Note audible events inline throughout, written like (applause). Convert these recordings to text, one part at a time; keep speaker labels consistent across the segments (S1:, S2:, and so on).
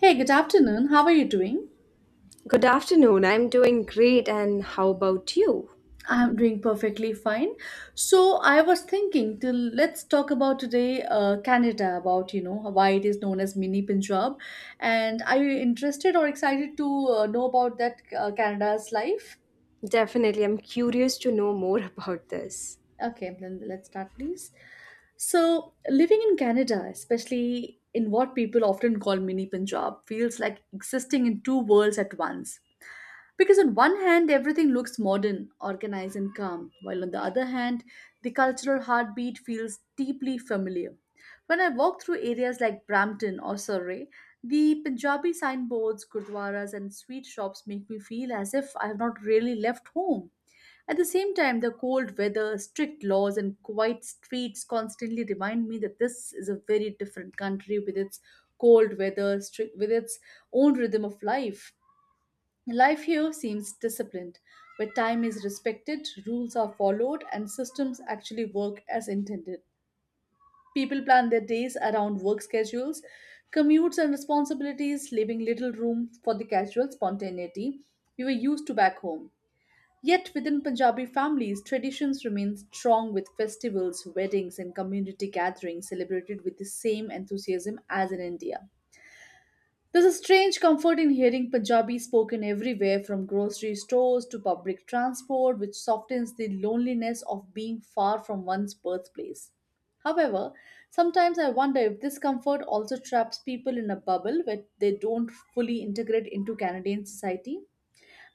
S1: Hey, good afternoon. How are you doing?
S2: Good afternoon. I'm doing great, and how about you?
S1: I'm doing perfectly fine. So I was thinking till Let's talk about today Canada, about why it is known as mini Punjab, and are you interested or excited to know about that Canada's life?
S2: Definitely, I'm curious to know more (laughs) about this.
S1: Okay, then let's start, please. So, living in Canada, especially in what people often call mini Punjab, feels like existing in two worlds at once. Because, on one hand, everything looks modern, organized, and calm, while on the other hand, the cultural heartbeat feels deeply familiar. When I walk through areas like Brampton or Surrey, the Punjabi signboards, gurdwaras, and sweet shops make me feel as if I have not really left home. At the same time, the cold weather, strict laws, and quiet streets constantly remind me that this is a very different country with its cold weather, strict, with its own rhythm of life. Life here seems disciplined, where time is respected, rules are followed, and systems actually work as intended. People plan their days around work schedules, commutes, and responsibilities, leaving little room for the casual spontaneity we were used to back home. Yet within Punjabi families, traditions remain strong with festivals, weddings, and community gatherings celebrated with the same enthusiasm as in India. There's a strange comfort in hearing Punjabi spoken everywhere from grocery stores to public transport, which softens the loneliness of being far from one's birthplace. However, sometimes I wonder if this comfort also traps people in a bubble where they don't fully integrate into Canadian society.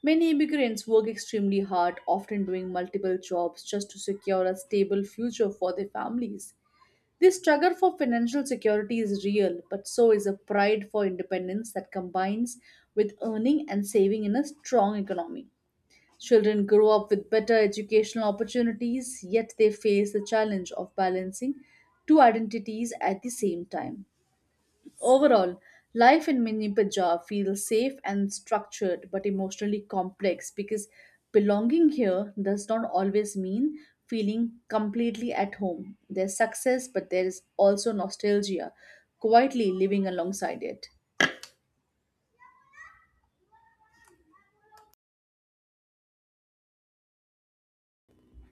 S1: Many immigrants work extremely hard, often doing multiple jobs just to secure a stable future for their families. This struggle for financial security is real, but so is a pride for independence that combines with earning and saving in a strong economy. Children grow up with better educational opportunities, yet they face the challenge of balancing two identities at the same time. Overall, life in Mini Punjab feels safe and structured but emotionally complex because belonging here does not always mean feeling completely at home. There's success, but there is also nostalgia quietly living alongside it.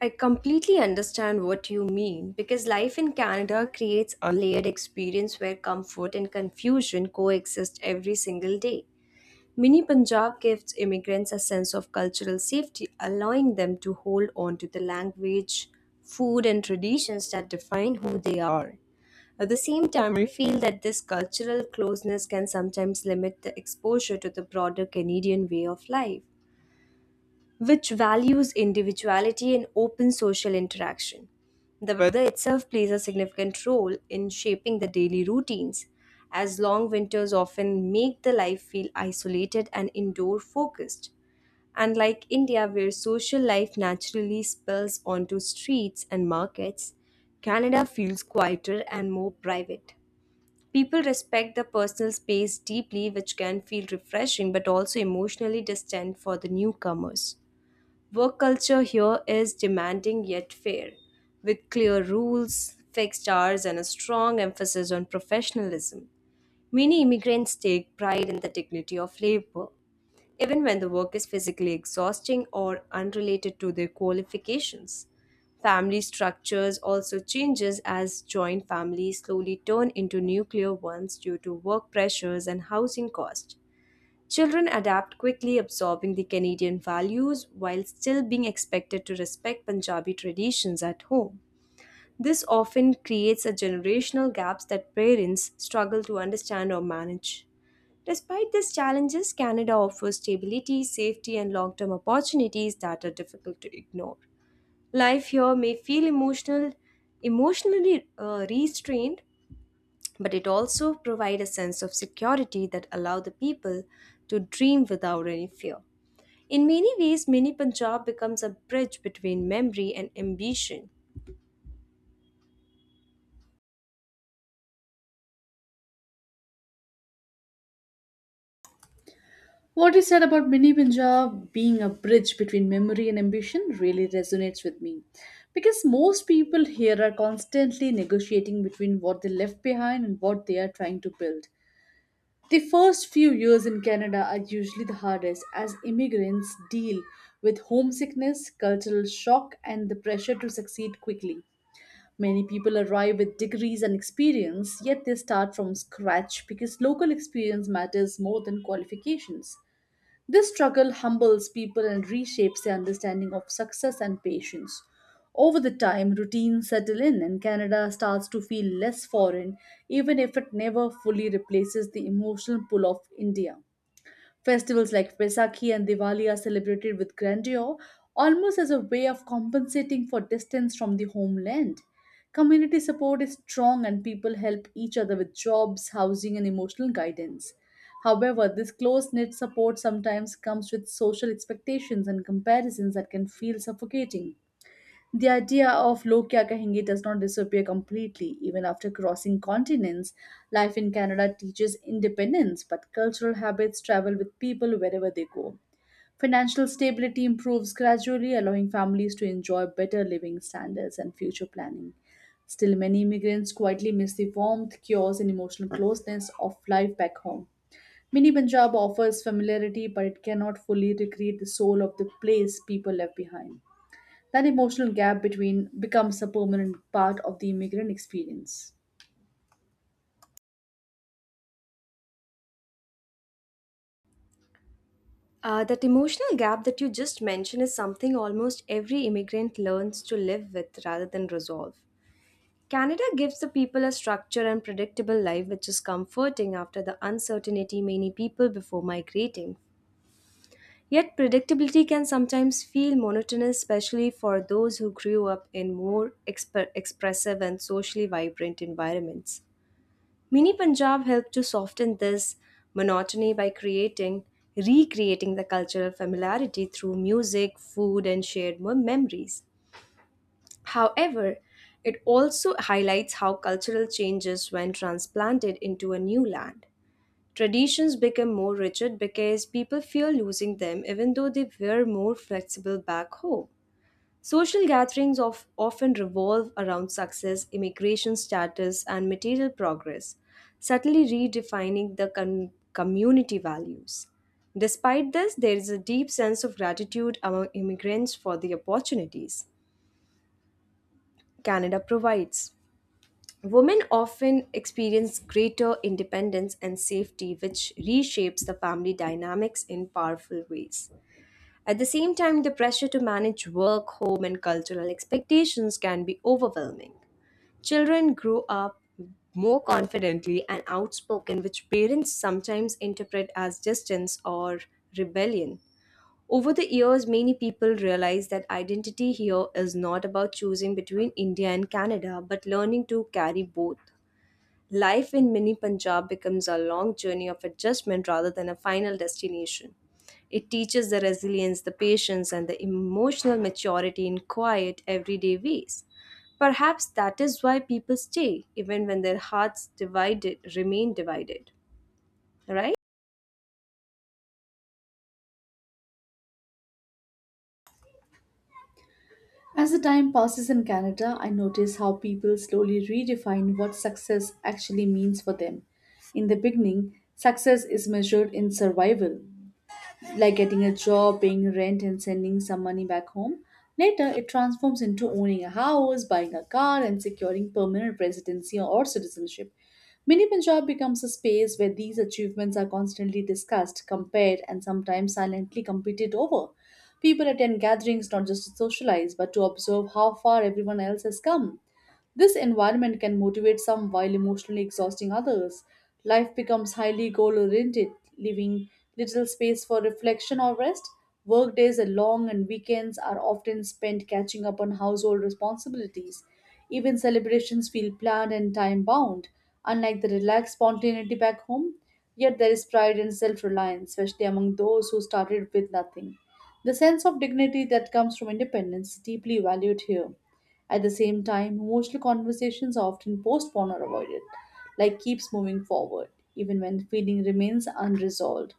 S2: I completely understand what you mean because life in Canada creates a layered experience where comfort and confusion coexist every single day. Mini Punjab gives immigrants a sense of cultural safety, allowing them to hold on to the language, food, and traditions that define who they are. At the same time, I feel that this cultural closeness can sometimes limit the exposure to the broader Canadian way of life, which values individuality and open social interaction. The weather itself plays a significant role in shaping the daily routines, as long winters often make the life feel isolated and indoor focused. Unlike India, where social life naturally spills onto streets and markets, Canada feels quieter and more private. People respect the personal space deeply, which can feel refreshing but also emotionally distant for the newcomers. Work culture here is demanding yet fair, with clear rules, fixed hours, and a strong emphasis on professionalism. Many immigrants take pride in the dignity of labor, even when the work is physically exhausting or unrelated to their qualifications. Family structures also changes as joint families slowly turn into nuclear ones due to work pressures and housing costs. Children adapt quickly, absorbing the Canadian values while still being expected to respect Punjabi traditions at home. This often creates a generational gaps that parents struggle to understand or manage. Despite these challenges, Canada offers stability, safety, and long term opportunities that are difficult to ignore. Life here may feel emotional, emotionally restrained, but it also provides a sense of security that allows the people to dream without any fear. In many ways, Mini Punjab becomes a bridge between memory and ambition.
S1: What you said about Mini Punjab being a bridge between memory and ambition really resonates with me. Because most people here are constantly negotiating between what they left behind and what they are trying to build. The first few years in Canada are usually the hardest as immigrants deal with homesickness, cultural shock, and the pressure to succeed quickly. Many people arrive with degrees and experience, yet they start from scratch because local experience matters more than qualifications. This struggle humbles people and reshapes their understanding of success and patience. Over the time, routines settle in and Canada starts to feel less foreign, even if it never fully replaces the emotional pull of India. Festivals like Vaisakhi and Diwali are celebrated with grandeur, almost as a way of compensating for distance from the homeland. Community support is strong and people help each other with jobs, housing, and emotional guidance. However, this close knit support sometimes comes with social expectations and comparisons that can feel suffocating. The idea of log kya kahenge does not disappear completely. Even after crossing continents, life in Canada teaches independence, but cultural habits travel with people wherever they go. Financial stability improves gradually, allowing families to enjoy better living standards and future planning. Still, many immigrants quietly miss the warmth, cures, and emotional closeness of life back home. Mini Punjab offers familiarity, but it cannot fully recreate the soul of the place people left behind. That emotional gap between becomes a permanent part of the immigrant experience.
S2: That emotional gap that you just mentioned is something almost every immigrant learns to live with rather than resolve. Canada gives the people a structure and predictable life which is comforting after the uncertainty many people before migrating. Yet, predictability can sometimes feel monotonous, especially for those who grew up in more expressive and socially vibrant environments. Mini Punjab helped to soften this monotony by creating, recreating the cultural familiarity through music, food, and shared memories. However, it also highlights how cultural changes, when transplanted into a new land, traditions become more rigid because people fear losing them, even though they were more flexible back home. Social gatherings of, often revolve around success, immigration status, and material progress, subtly redefining the community values. Despite this, there is a deep sense of gratitude among immigrants for the opportunities Canada provides. Women often experience greater independence and safety, which reshapes the family dynamics in powerful ways. At the same time, the pressure to manage work, home, and cultural expectations can be overwhelming. Children grow up more confidently and outspoken, which parents sometimes interpret as distance or rebellion. Over the years, many people realize that identity here is not about choosing between India and Canada, but learning to carry both. Life in mini Punjab becomes a long journey of adjustment rather than a final destination. It teaches the resilience, the patience, and the emotional maturity in quiet, everyday ways. Perhaps that is why people stay, even when their hearts divided remain divided. Right?
S1: As the time passes in Canada, I notice how people slowly redefine what success actually means for them. In the beginning, success is measured in survival, like getting a job, paying rent, and sending some money back home. Later, it transforms into owning a house, buying a car, and securing permanent residency or citizenship. Mini Punjab becomes a space where these achievements are constantly discussed, compared, and sometimes silently competed over. People attend gatherings not just to socialize, but to observe how far everyone else has come. This environment can motivate some while emotionally exhausting others. Life becomes highly goal oriented, leaving little space for reflection or rest. Workdays are long and weekends are often spent catching up on household responsibilities. Even celebrations feel planned and time bound, unlike the relaxed spontaneity back home. Yet there is pride and self reliance, especially among those who started with nothing. The sense of dignity that comes from independence is deeply valued here. At the same time, emotional conversations are often postponed or avoided. Life keeps moving forward, even when the feeling remains unresolved.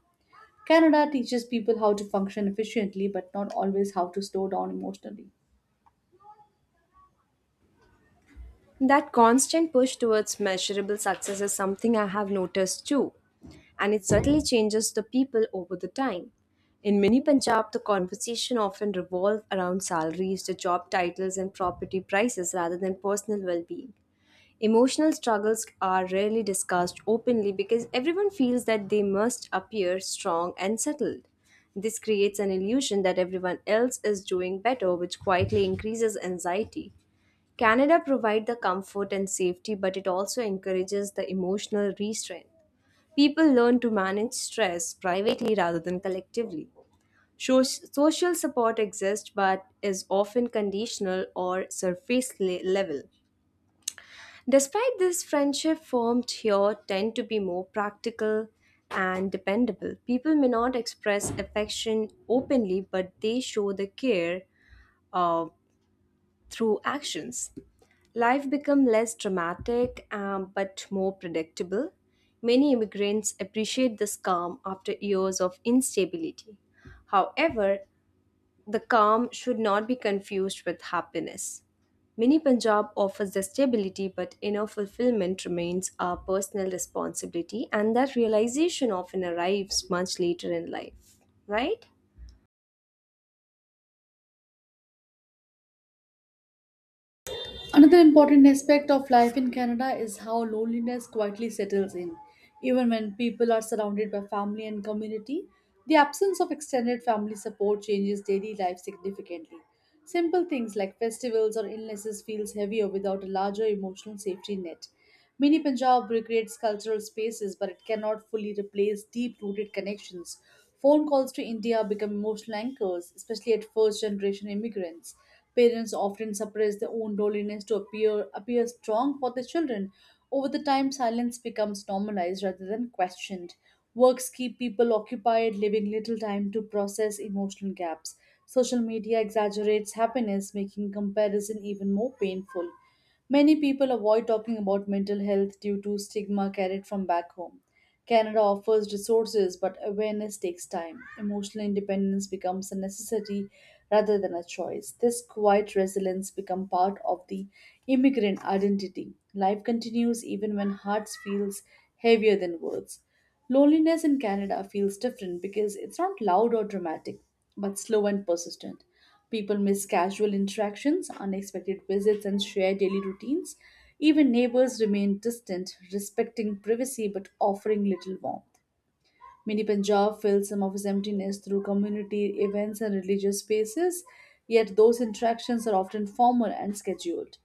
S1: Canada teaches people how to function efficiently, but not always how to slow down emotionally.
S2: That constant push towards measurable success is something I have noticed too, and it certainly changes the people over the time. In many Punjab, the conversation often revolves around salaries, the job titles, and property prices rather than personal well being. Emotional struggles are rarely discussed openly because everyone feels that they must appear strong and settled. This creates an illusion that everyone else is doing better, which quietly increases anxiety. Canada provides the comfort and safety, but it also encourages the emotional restraint. People learn to manage stress privately rather than collectively. Social support exists but is often conditional or surface level. Despite this, friendship formed here tend to be more practical and dependable. People may not express affection openly, but they show the care uh, through actions. Life become less dramatic but more predictable. Many immigrants appreciate this calm after years of instability. However, the calm should not be confused with happiness. Mini Punjab offers the stability, but inner fulfillment remains our personal responsibility, and that realization often arrives much later in life, right?
S1: Another important aspect of life in Canada is how loneliness quietly settles in. Even when people are surrounded by family and community, the absence of extended family support changes daily life significantly. Simple things like festivals or illnesses feels heavier without a larger emotional safety net. Mini Punjab recreates cultural spaces, but it cannot fully replace deep-rooted connections. Phone calls to India become emotional anchors, especially at first-generation immigrants. Parents often suppress their own loneliness to appear strong for their children. Over the time, silence becomes normalized rather than questioned. Works keep people occupied, leaving little time to process emotional gaps. Social media exaggerates happiness, making comparison even more painful. Many people avoid talking about mental health due to stigma carried from back home. Canada offers resources, but awareness takes time. Emotional independence becomes a necessity rather than a choice. This quiet resilience becomes part of the immigrant identity. Life continues even when hearts feels heavier than words. Loneliness in Canada feels different because it's not loud or dramatic, but slow and persistent. People miss casual interactions, unexpected visits, and shared daily routines. Even neighbors remain distant, respecting privacy but offering little warmth. Mini Punjab fills some of its emptiness through community events and religious spaces, yet those interactions are often formal and scheduled.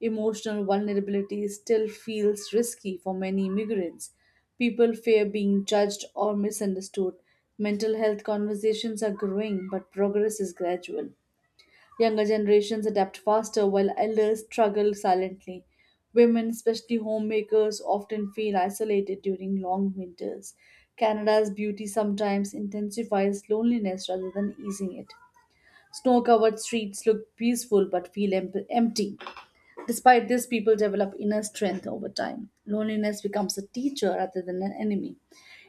S1: Emotional vulnerability still feels risky for many immigrants. People fear being judged or misunderstood. Mental health conversations are growing, but progress is gradual. Younger generations adapt faster while elders struggle silently. Women, especially homemakers, often feel isolated during long winters. Canada's beauty sometimes intensifies loneliness rather than easing it. Snow covered streets look peaceful but feel empty. Despite this, people develop inner strength over time. Loneliness becomes a teacher rather than an enemy.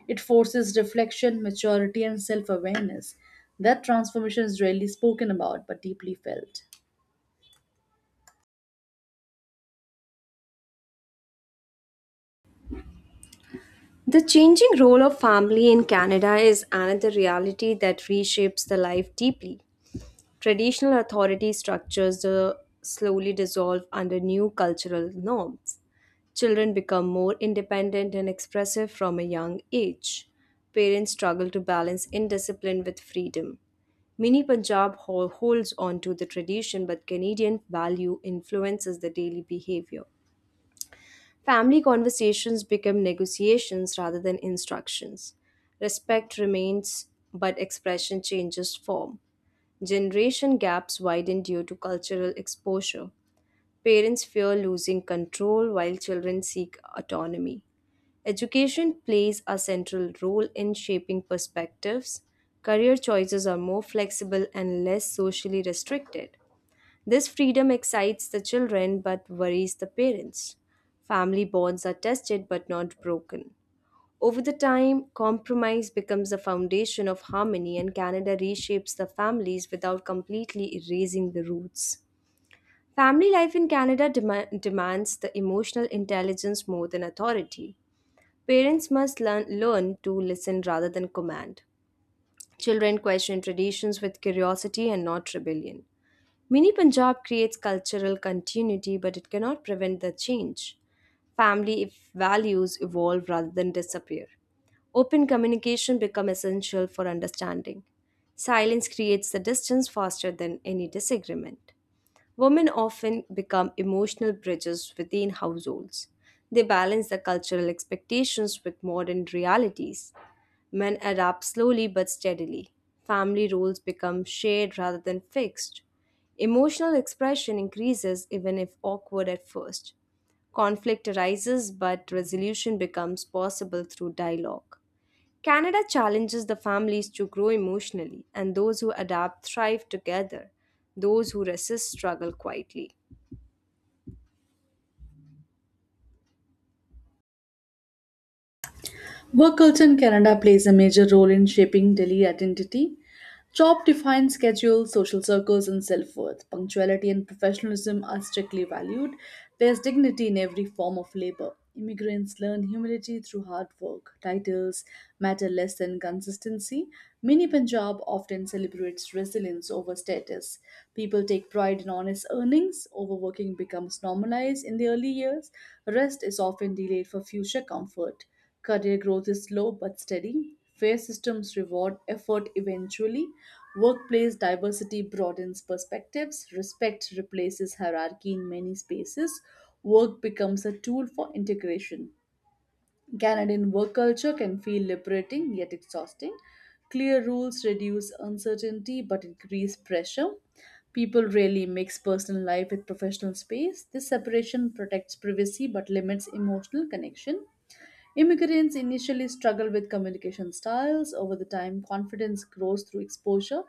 S1: It forces reflection, maturity, and self awareness. That transformation is rarely spoken about but deeply felt.
S2: The changing role of family in Canada is another reality that reshapes the life deeply. Traditional authority structures slowly dissolve under new cultural norms. Children become more independent and expressive from a young age. Parents struggle to balance indiscipline with freedom. Mini Punjab holds on to the tradition, but Canadian value influences the daily behavior. Family conversations become negotiations rather than instructions. Respect remains, but expression changes form. Generation gaps widen due to cultural exposure. Parents fear losing control while children seek autonomy. Education plays a central role in shaping perspectives. Career choices are more flexible and less socially restricted. This freedom excites the children but worries the parents. Family bonds are tested but not broken. Over the time, compromise becomes the foundation of harmony, and Canada reshapes the families without completely erasing the roots. Family life in Canada demands the emotional intelligence more than authority. Parents must learn to listen rather than command. Children question traditions with curiosity and not rebellion. Mini Punjab creates cultural continuity, but it cannot prevent the change. Family if values evolve rather than disappear. Open communication become essential for understanding. Silence creates the distance faster than any disagreement. Women often become emotional bridges within households. They balance the cultural expectations with modern realities. Men adapt slowly but steadily. Family roles become shared rather than fixed. Emotional expression increases even if awkward at first. Conflict arises, but resolution becomes possible through dialogue. Canada challenges the families to grow emotionally, and those who adapt thrive together. Those who resist struggle quietly.
S1: Work culture in Canada plays a major role in shaping daily identity. Job defined schedules, social circles, and self worth. Punctuality and professionalism are strictly valued. There's dignity in every form of labor. Immigrants learn humility through hard work. Titles matter less than consistency. Mini Punjab often celebrates resilience over status. People take pride in honest earnings. Overworking becomes normalized in the early years. Rest is often delayed for future comfort. Career growth is slow but steady. Fair systems reward effort eventually. Workplace diversity broadens perspectives. Respect replaces hierarchy in many spaces. Work becomes a tool for integration. Canadian work culture can feel liberating yet exhausting. Clear rules reduce uncertainty but increase pressure. People rarely mix personal life with professional space. This separation protects privacy but limits emotional connection. Immigrants initially struggle with communication styles. Over the time, confidence grows through exposure.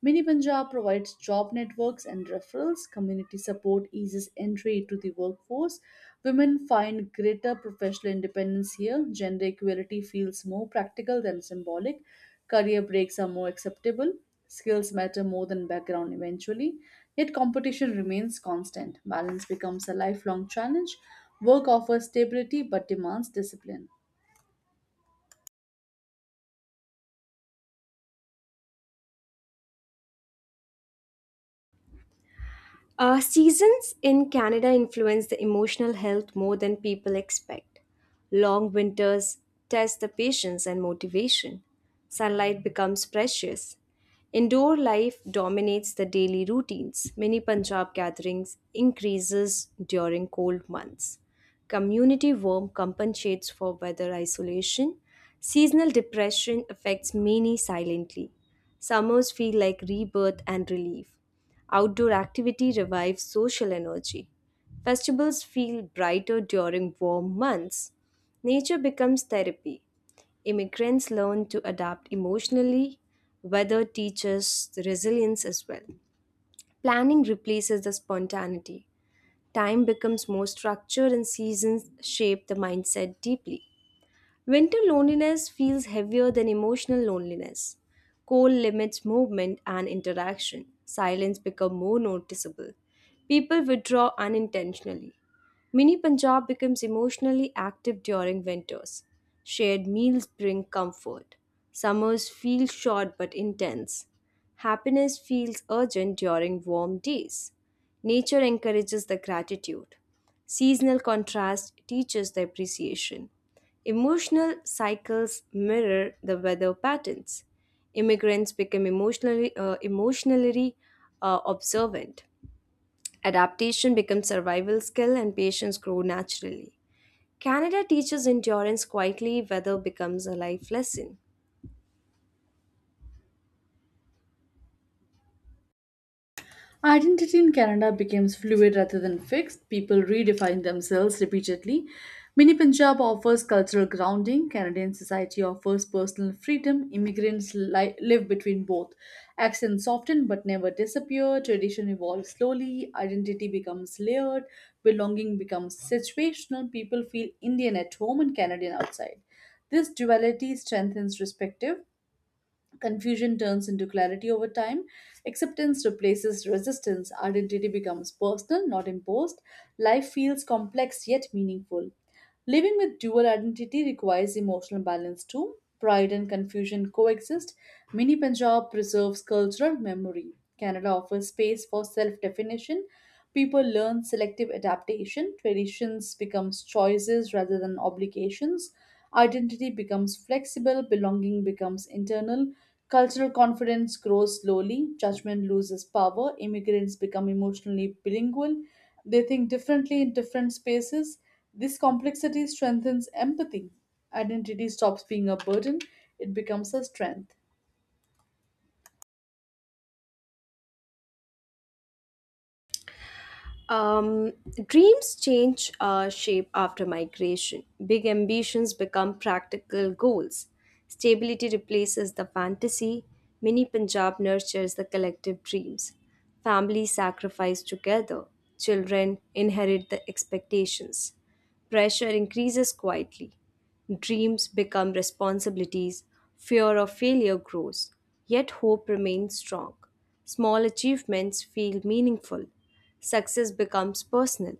S1: Mini Punjab provides job networks and referrals. Community support eases entry to the workforce. Women find greater professional independence here. Gender equality feels more practical than symbolic. Career breaks are more acceptable. Skills matter more than background eventually, yet competition remains constant. Balance becomes a lifelong challenge. Work offers stability but demands discipline.
S2: Seasons in Canada influence the emotional health more than people expect. Long winters test the patience and motivation. Sunlight becomes precious. Indoor life dominates the daily routines. Many Punjab gatherings increases during cold months. Community warmth compensates for weather isolation. Seasonal depression affects many silently. Summers feel like rebirth and relief. Outdoor activity revives social energy. Festivals feel brighter during warm months. Nature becomes therapy. Immigrants learn to adapt emotionally. Weather teaches resilience as well. Planning replaces the spontaneity. Time becomes more structured, and seasons shape the mindset deeply. Winter loneliness feels heavier than emotional loneliness. Cold limits movement and interaction. Silence becomes more noticeable. People withdraw unintentionally. Mini Punjab becomes emotionally active during winters. Shared meals bring comfort. Summers feel short but intense. Happiness feels urgent during warm days. Nature encourages the gratitude. Seasonal contrast teaches the appreciation. Emotional cycles mirror the weather patterns. Immigrants become emotionally observant. Adaptation becomes survival skill and patience grow naturally. Canada teaches endurance quietly, weather becomes a life lesson.
S1: Identity in Canada becomes fluid rather than fixed. People redefine themselves repeatedly. Mini Punjab offers cultural grounding. Canadian society offers personal freedom. Immigrants live between both. Accents soften but never disappear. Tradition evolves slowly. Identity becomes layered. Belonging becomes situational. People feel Indian at home and Canadian outside. This duality strengthens perspective. Confusion turns into clarity over time. Acceptance replaces resistance. Identity becomes personal, not imposed. Life feels complex yet meaningful. Living with dual identity requires emotional balance too. Pride and confusion coexist. Mini Punjab preserves cultural memory. Canada offers space for self definition. People learn selective adaptation. Traditions becomes choices rather than obligations. Identity becomes flexible. Belonging becomes internal. Cultural confidence grows slowly, judgment loses power, immigrants become emotionally bilingual, they think differently in different spaces. This complexity strengthens empathy. Identity stops being a burden, it becomes a strength.
S2: Um, dreams change shape after migration. Big ambitions become practical goals. Stability replaces the fantasy. Mini Punjab nurtures the collective dreams. Families sacrifice together. Children inherit the expectations. Pressure increases quietly. Dreams become responsibilities, fear of failure grows, yet hope remains strong. Small achievements feel meaningful, success becomes personal,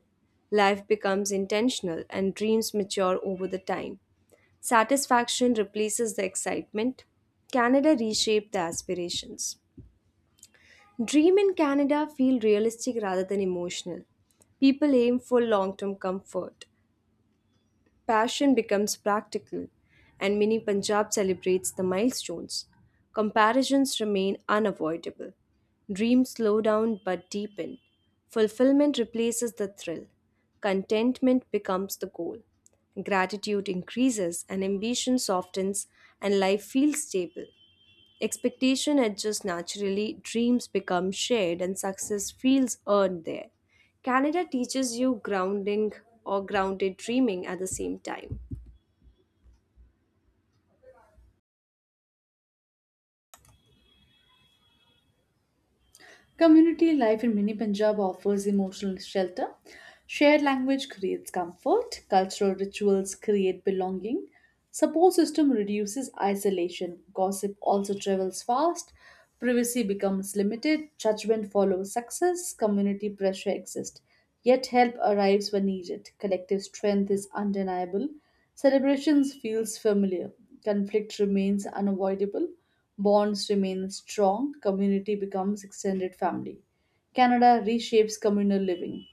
S2: life becomes intentional, and dreams mature over the time. Satisfaction replaces the excitement. Canada reshaped the aspirations. Dream in Canada feel realistic rather than emotional. People aim for long term comfort. Passion becomes practical, and Mini Punjab celebrates the milestones. Comparisons remain unavoidable. Dreams slow down but deepen. Fulfillment replaces the thrill. Contentment becomes the goal. Gratitude increases and ambition softens, and life feels stable. Expectation adjusts naturally, dreams become shared, and success feels earned there. Canada teaches you grounding or grounded dreaming at the same time.
S1: Community life in Mini Punjab offers emotional shelter. Shared language creates comfort, cultural rituals create belonging, support system reduces isolation, gossip also travels fast, privacy becomes limited, judgment follows success, community pressure exists. Yet help arrives when needed. Collective strength is undeniable. Celebrations feels familiar. Conflict remains unavoidable. Bonds remain strong, community becomes extended family. Canada reshapes communal living.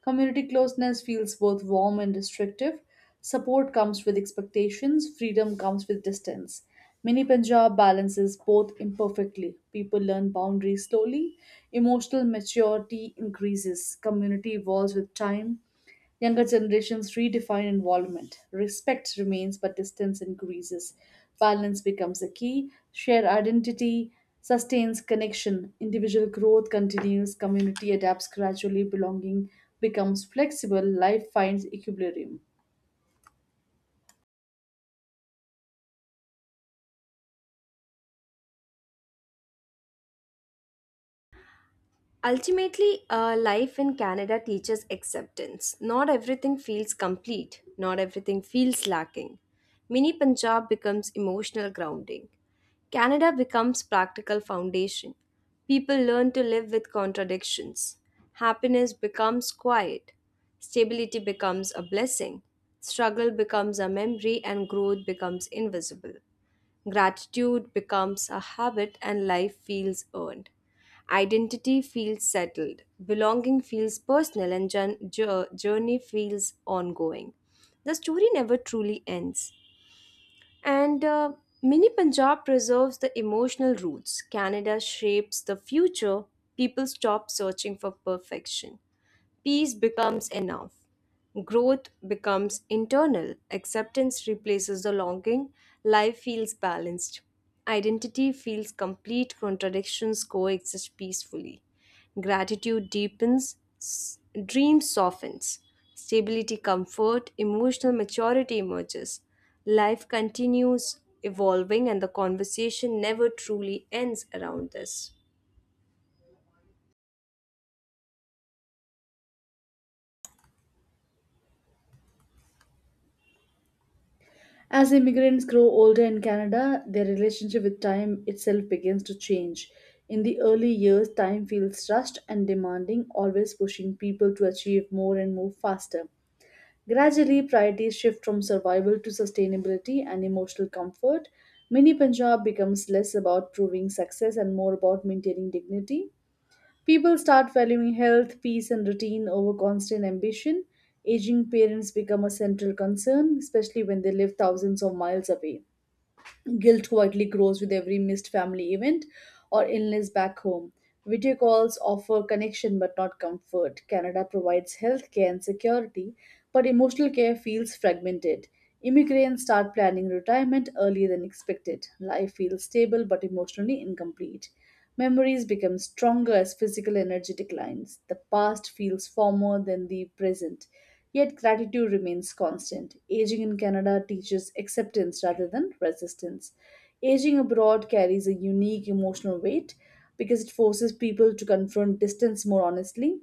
S1: Community closeness feels both warm and restrictive. Support comes with expectations, freedom comes with distance. Mini Punjab balances both imperfectly. People learn boundaries slowly, emotional maturity increases, community evolves with time. Younger generations redefine involvement. Respect remains, but distance increases. Balance becomes a key. Shared identity sustains connection. Individual growth continues. Community adapts gradually. Belonging becomes flexible. Life finds equilibrium.
S2: Ultimately, life in Canada teaches acceptance. Not everything feels complete, not everything feels lacking. Mini Punjab becomes emotional grounding. Canada becomes practical foundation. People learn to live with contradictions. Happiness becomes quiet. Stability becomes a blessing. Struggle becomes a memory, and growth becomes invisible. Gratitude becomes a habit and life feels earned. Identity feels settled. Belonging feels personal and journey feels ongoing. The story never truly ends. And Mini Punjab preserves the emotional roots. Canada shapes the future. People stop searching for perfection. Peace becomes enough. Growth becomes internal. Acceptance replaces the longing. Life feels balanced. Identity feels complete. Contradictions coexist peacefully. Gratitude deepens. Dream softens. Stability, comfort, emotional maturity emerges. Life continues evolving, and the conversation never truly ends around this.
S1: As immigrants grow older in Canada, their relationship with time itself begins to change. In the early years, time feels rushed and demanding, always pushing people to achieve more and move faster. Gradually, priorities shift from survival to sustainability and emotional comfort. Mini Punjab becomes less about proving success and more about maintaining dignity. People start valuing health, peace, and routine over constant ambition. Aging parents become a central concern, especially when they live thousands of miles away. Guilt quietly grows with every missed family event or illness back home. Video calls offer connection but not comfort. Canada provides health care and security, but emotional care feels fragmented. Immigrants start planning retirement earlier than expected. Life feels stable but emotionally incomplete. Memories become stronger as physical energy declines. The past feels former than the present. Yet gratitude remains constant. Aging in Canada teaches acceptance rather than resistance. Aging abroad carries a unique emotional weight because it forces people to confront distance more honestly.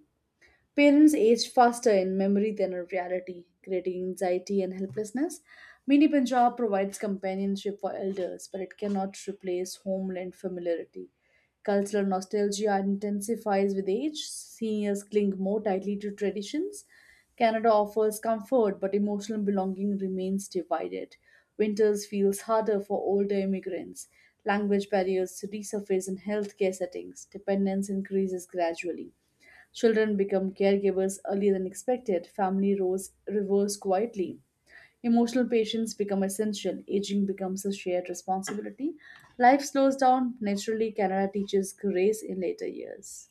S1: Parents age faster in memory than in reality, creating anxiety and helplessness. Mini Punjab provides companionship for elders, but it cannot replace homeland familiarity. Cultural nostalgia intensifies with age. Seniors cling more tightly to traditions. Canada offers comfort, but emotional belonging remains divided. Winters feels harder for older immigrants. Language barriers resurface in healthcare settings. Dependence increases gradually. Children become caregivers earlier than expected. Family roles reverse quietly. Emotional patience become essential. Aging becomes a shared responsibility. Life slows down naturally. Canada teaches grace in later years.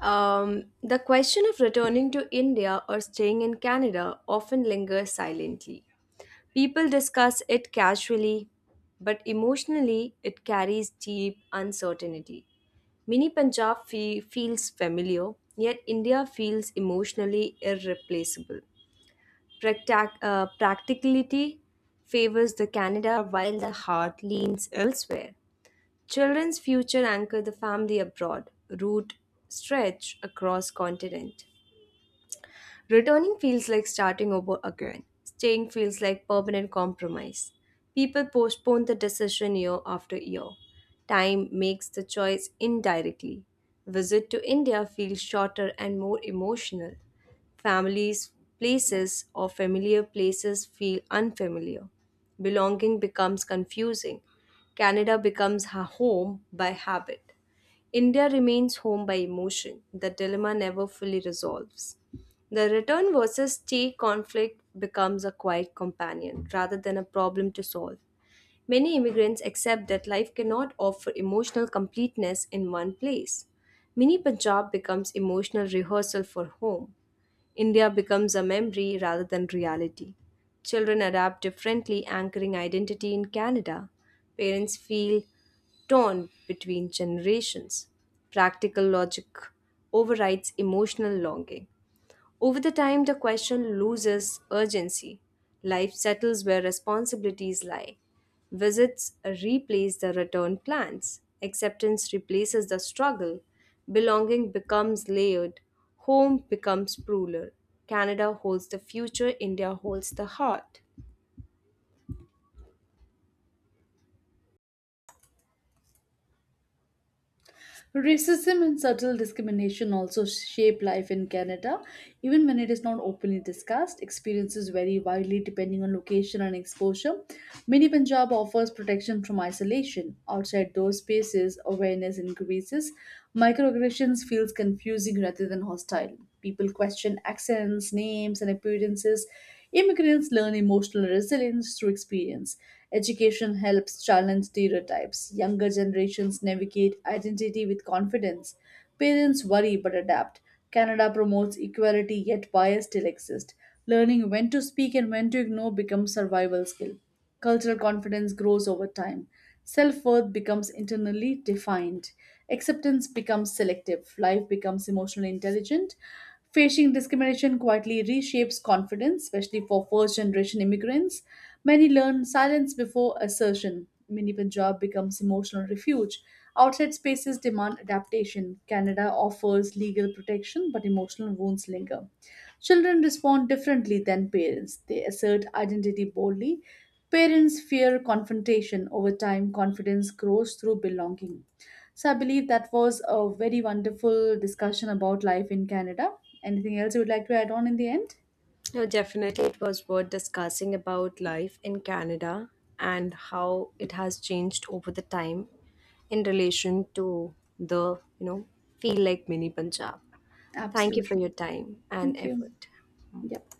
S2: The question of returning to India or staying in Canada often lingers silently. People discuss it casually, but emotionally it carries deep uncertainty. Mini Punjab feels familiar, yet India feels emotionally irreplaceable. Practicality favors the Canada while the heart leans elsewhere. Children's future anchor the family abroad, route stretch across continent. Returning feels like starting over again. Staying feels like permanent compromise. People postpone the decision year after year. Time makes the choice indirectly. Visit to India feels shorter and more emotional. Families, places, or familiar places feel unfamiliar. Belonging becomes confusing. Canada becomes her home by habit. India remains home by emotion. The dilemma never fully resolves. The return versus stay conflict becomes a quiet companion rather than a problem to solve. Many immigrants accept that life cannot offer emotional completeness in one place. Mini Punjab becomes emotional rehearsal for home. India becomes a memory rather than reality. Children adapt differently, anchoring identity in Canada. Parents feel torn between generations. Practical logic overrides emotional longing. Over the time, the question loses urgency. Life settles where responsibilities lie. Visits replace the return plans. Acceptance replaces the struggle. Belonging becomes layered. Home becomes plural. Canada holds the future, India holds the heart.
S1: Racism and subtle discrimination also shape life in Canada. Even when it is not openly discussed, experiences vary widely depending on location and exposure. Mini Punjab offers protection from isolation. Outside those spaces, awareness increases. Microaggressions feels confusing rather than hostile. People question accents, names, and appearances. Immigrants learn emotional resilience through experience. Education helps challenge stereotypes. Younger generations navigate identity with confidence. Parents worry but adapt. Canada promotes equality, yet bias still exists. Learning when to speak and when to ignore becomes survival skill. Cultural confidence grows over time. Self worth becomes internally defined. Acceptance becomes selective. Life becomes emotionally intelligent. Facing discrimination quietly reshapes confidence, especially for first generation immigrants. Many learn silence before assertion. Mini Punjab becomes emotional refuge. Outside spaces demand adaptation. Canada offers legal protection, but emotional wounds linger. Children respond differently than parents. They assert identity boldly. Parents fear confrontation. Over time, confidence grows through belonging. So I believe that was a very wonderful discussion about life in Canada. Anything else you would like to add on in the end?
S2: No, definitely, it was worth discussing about life in Canada and how it has changed over the time in relation to the feel like mini Punjab. Thank you for
S1: Absolutely.
S2: your time and
S1: Thank you.
S2: effort.
S1: Yep.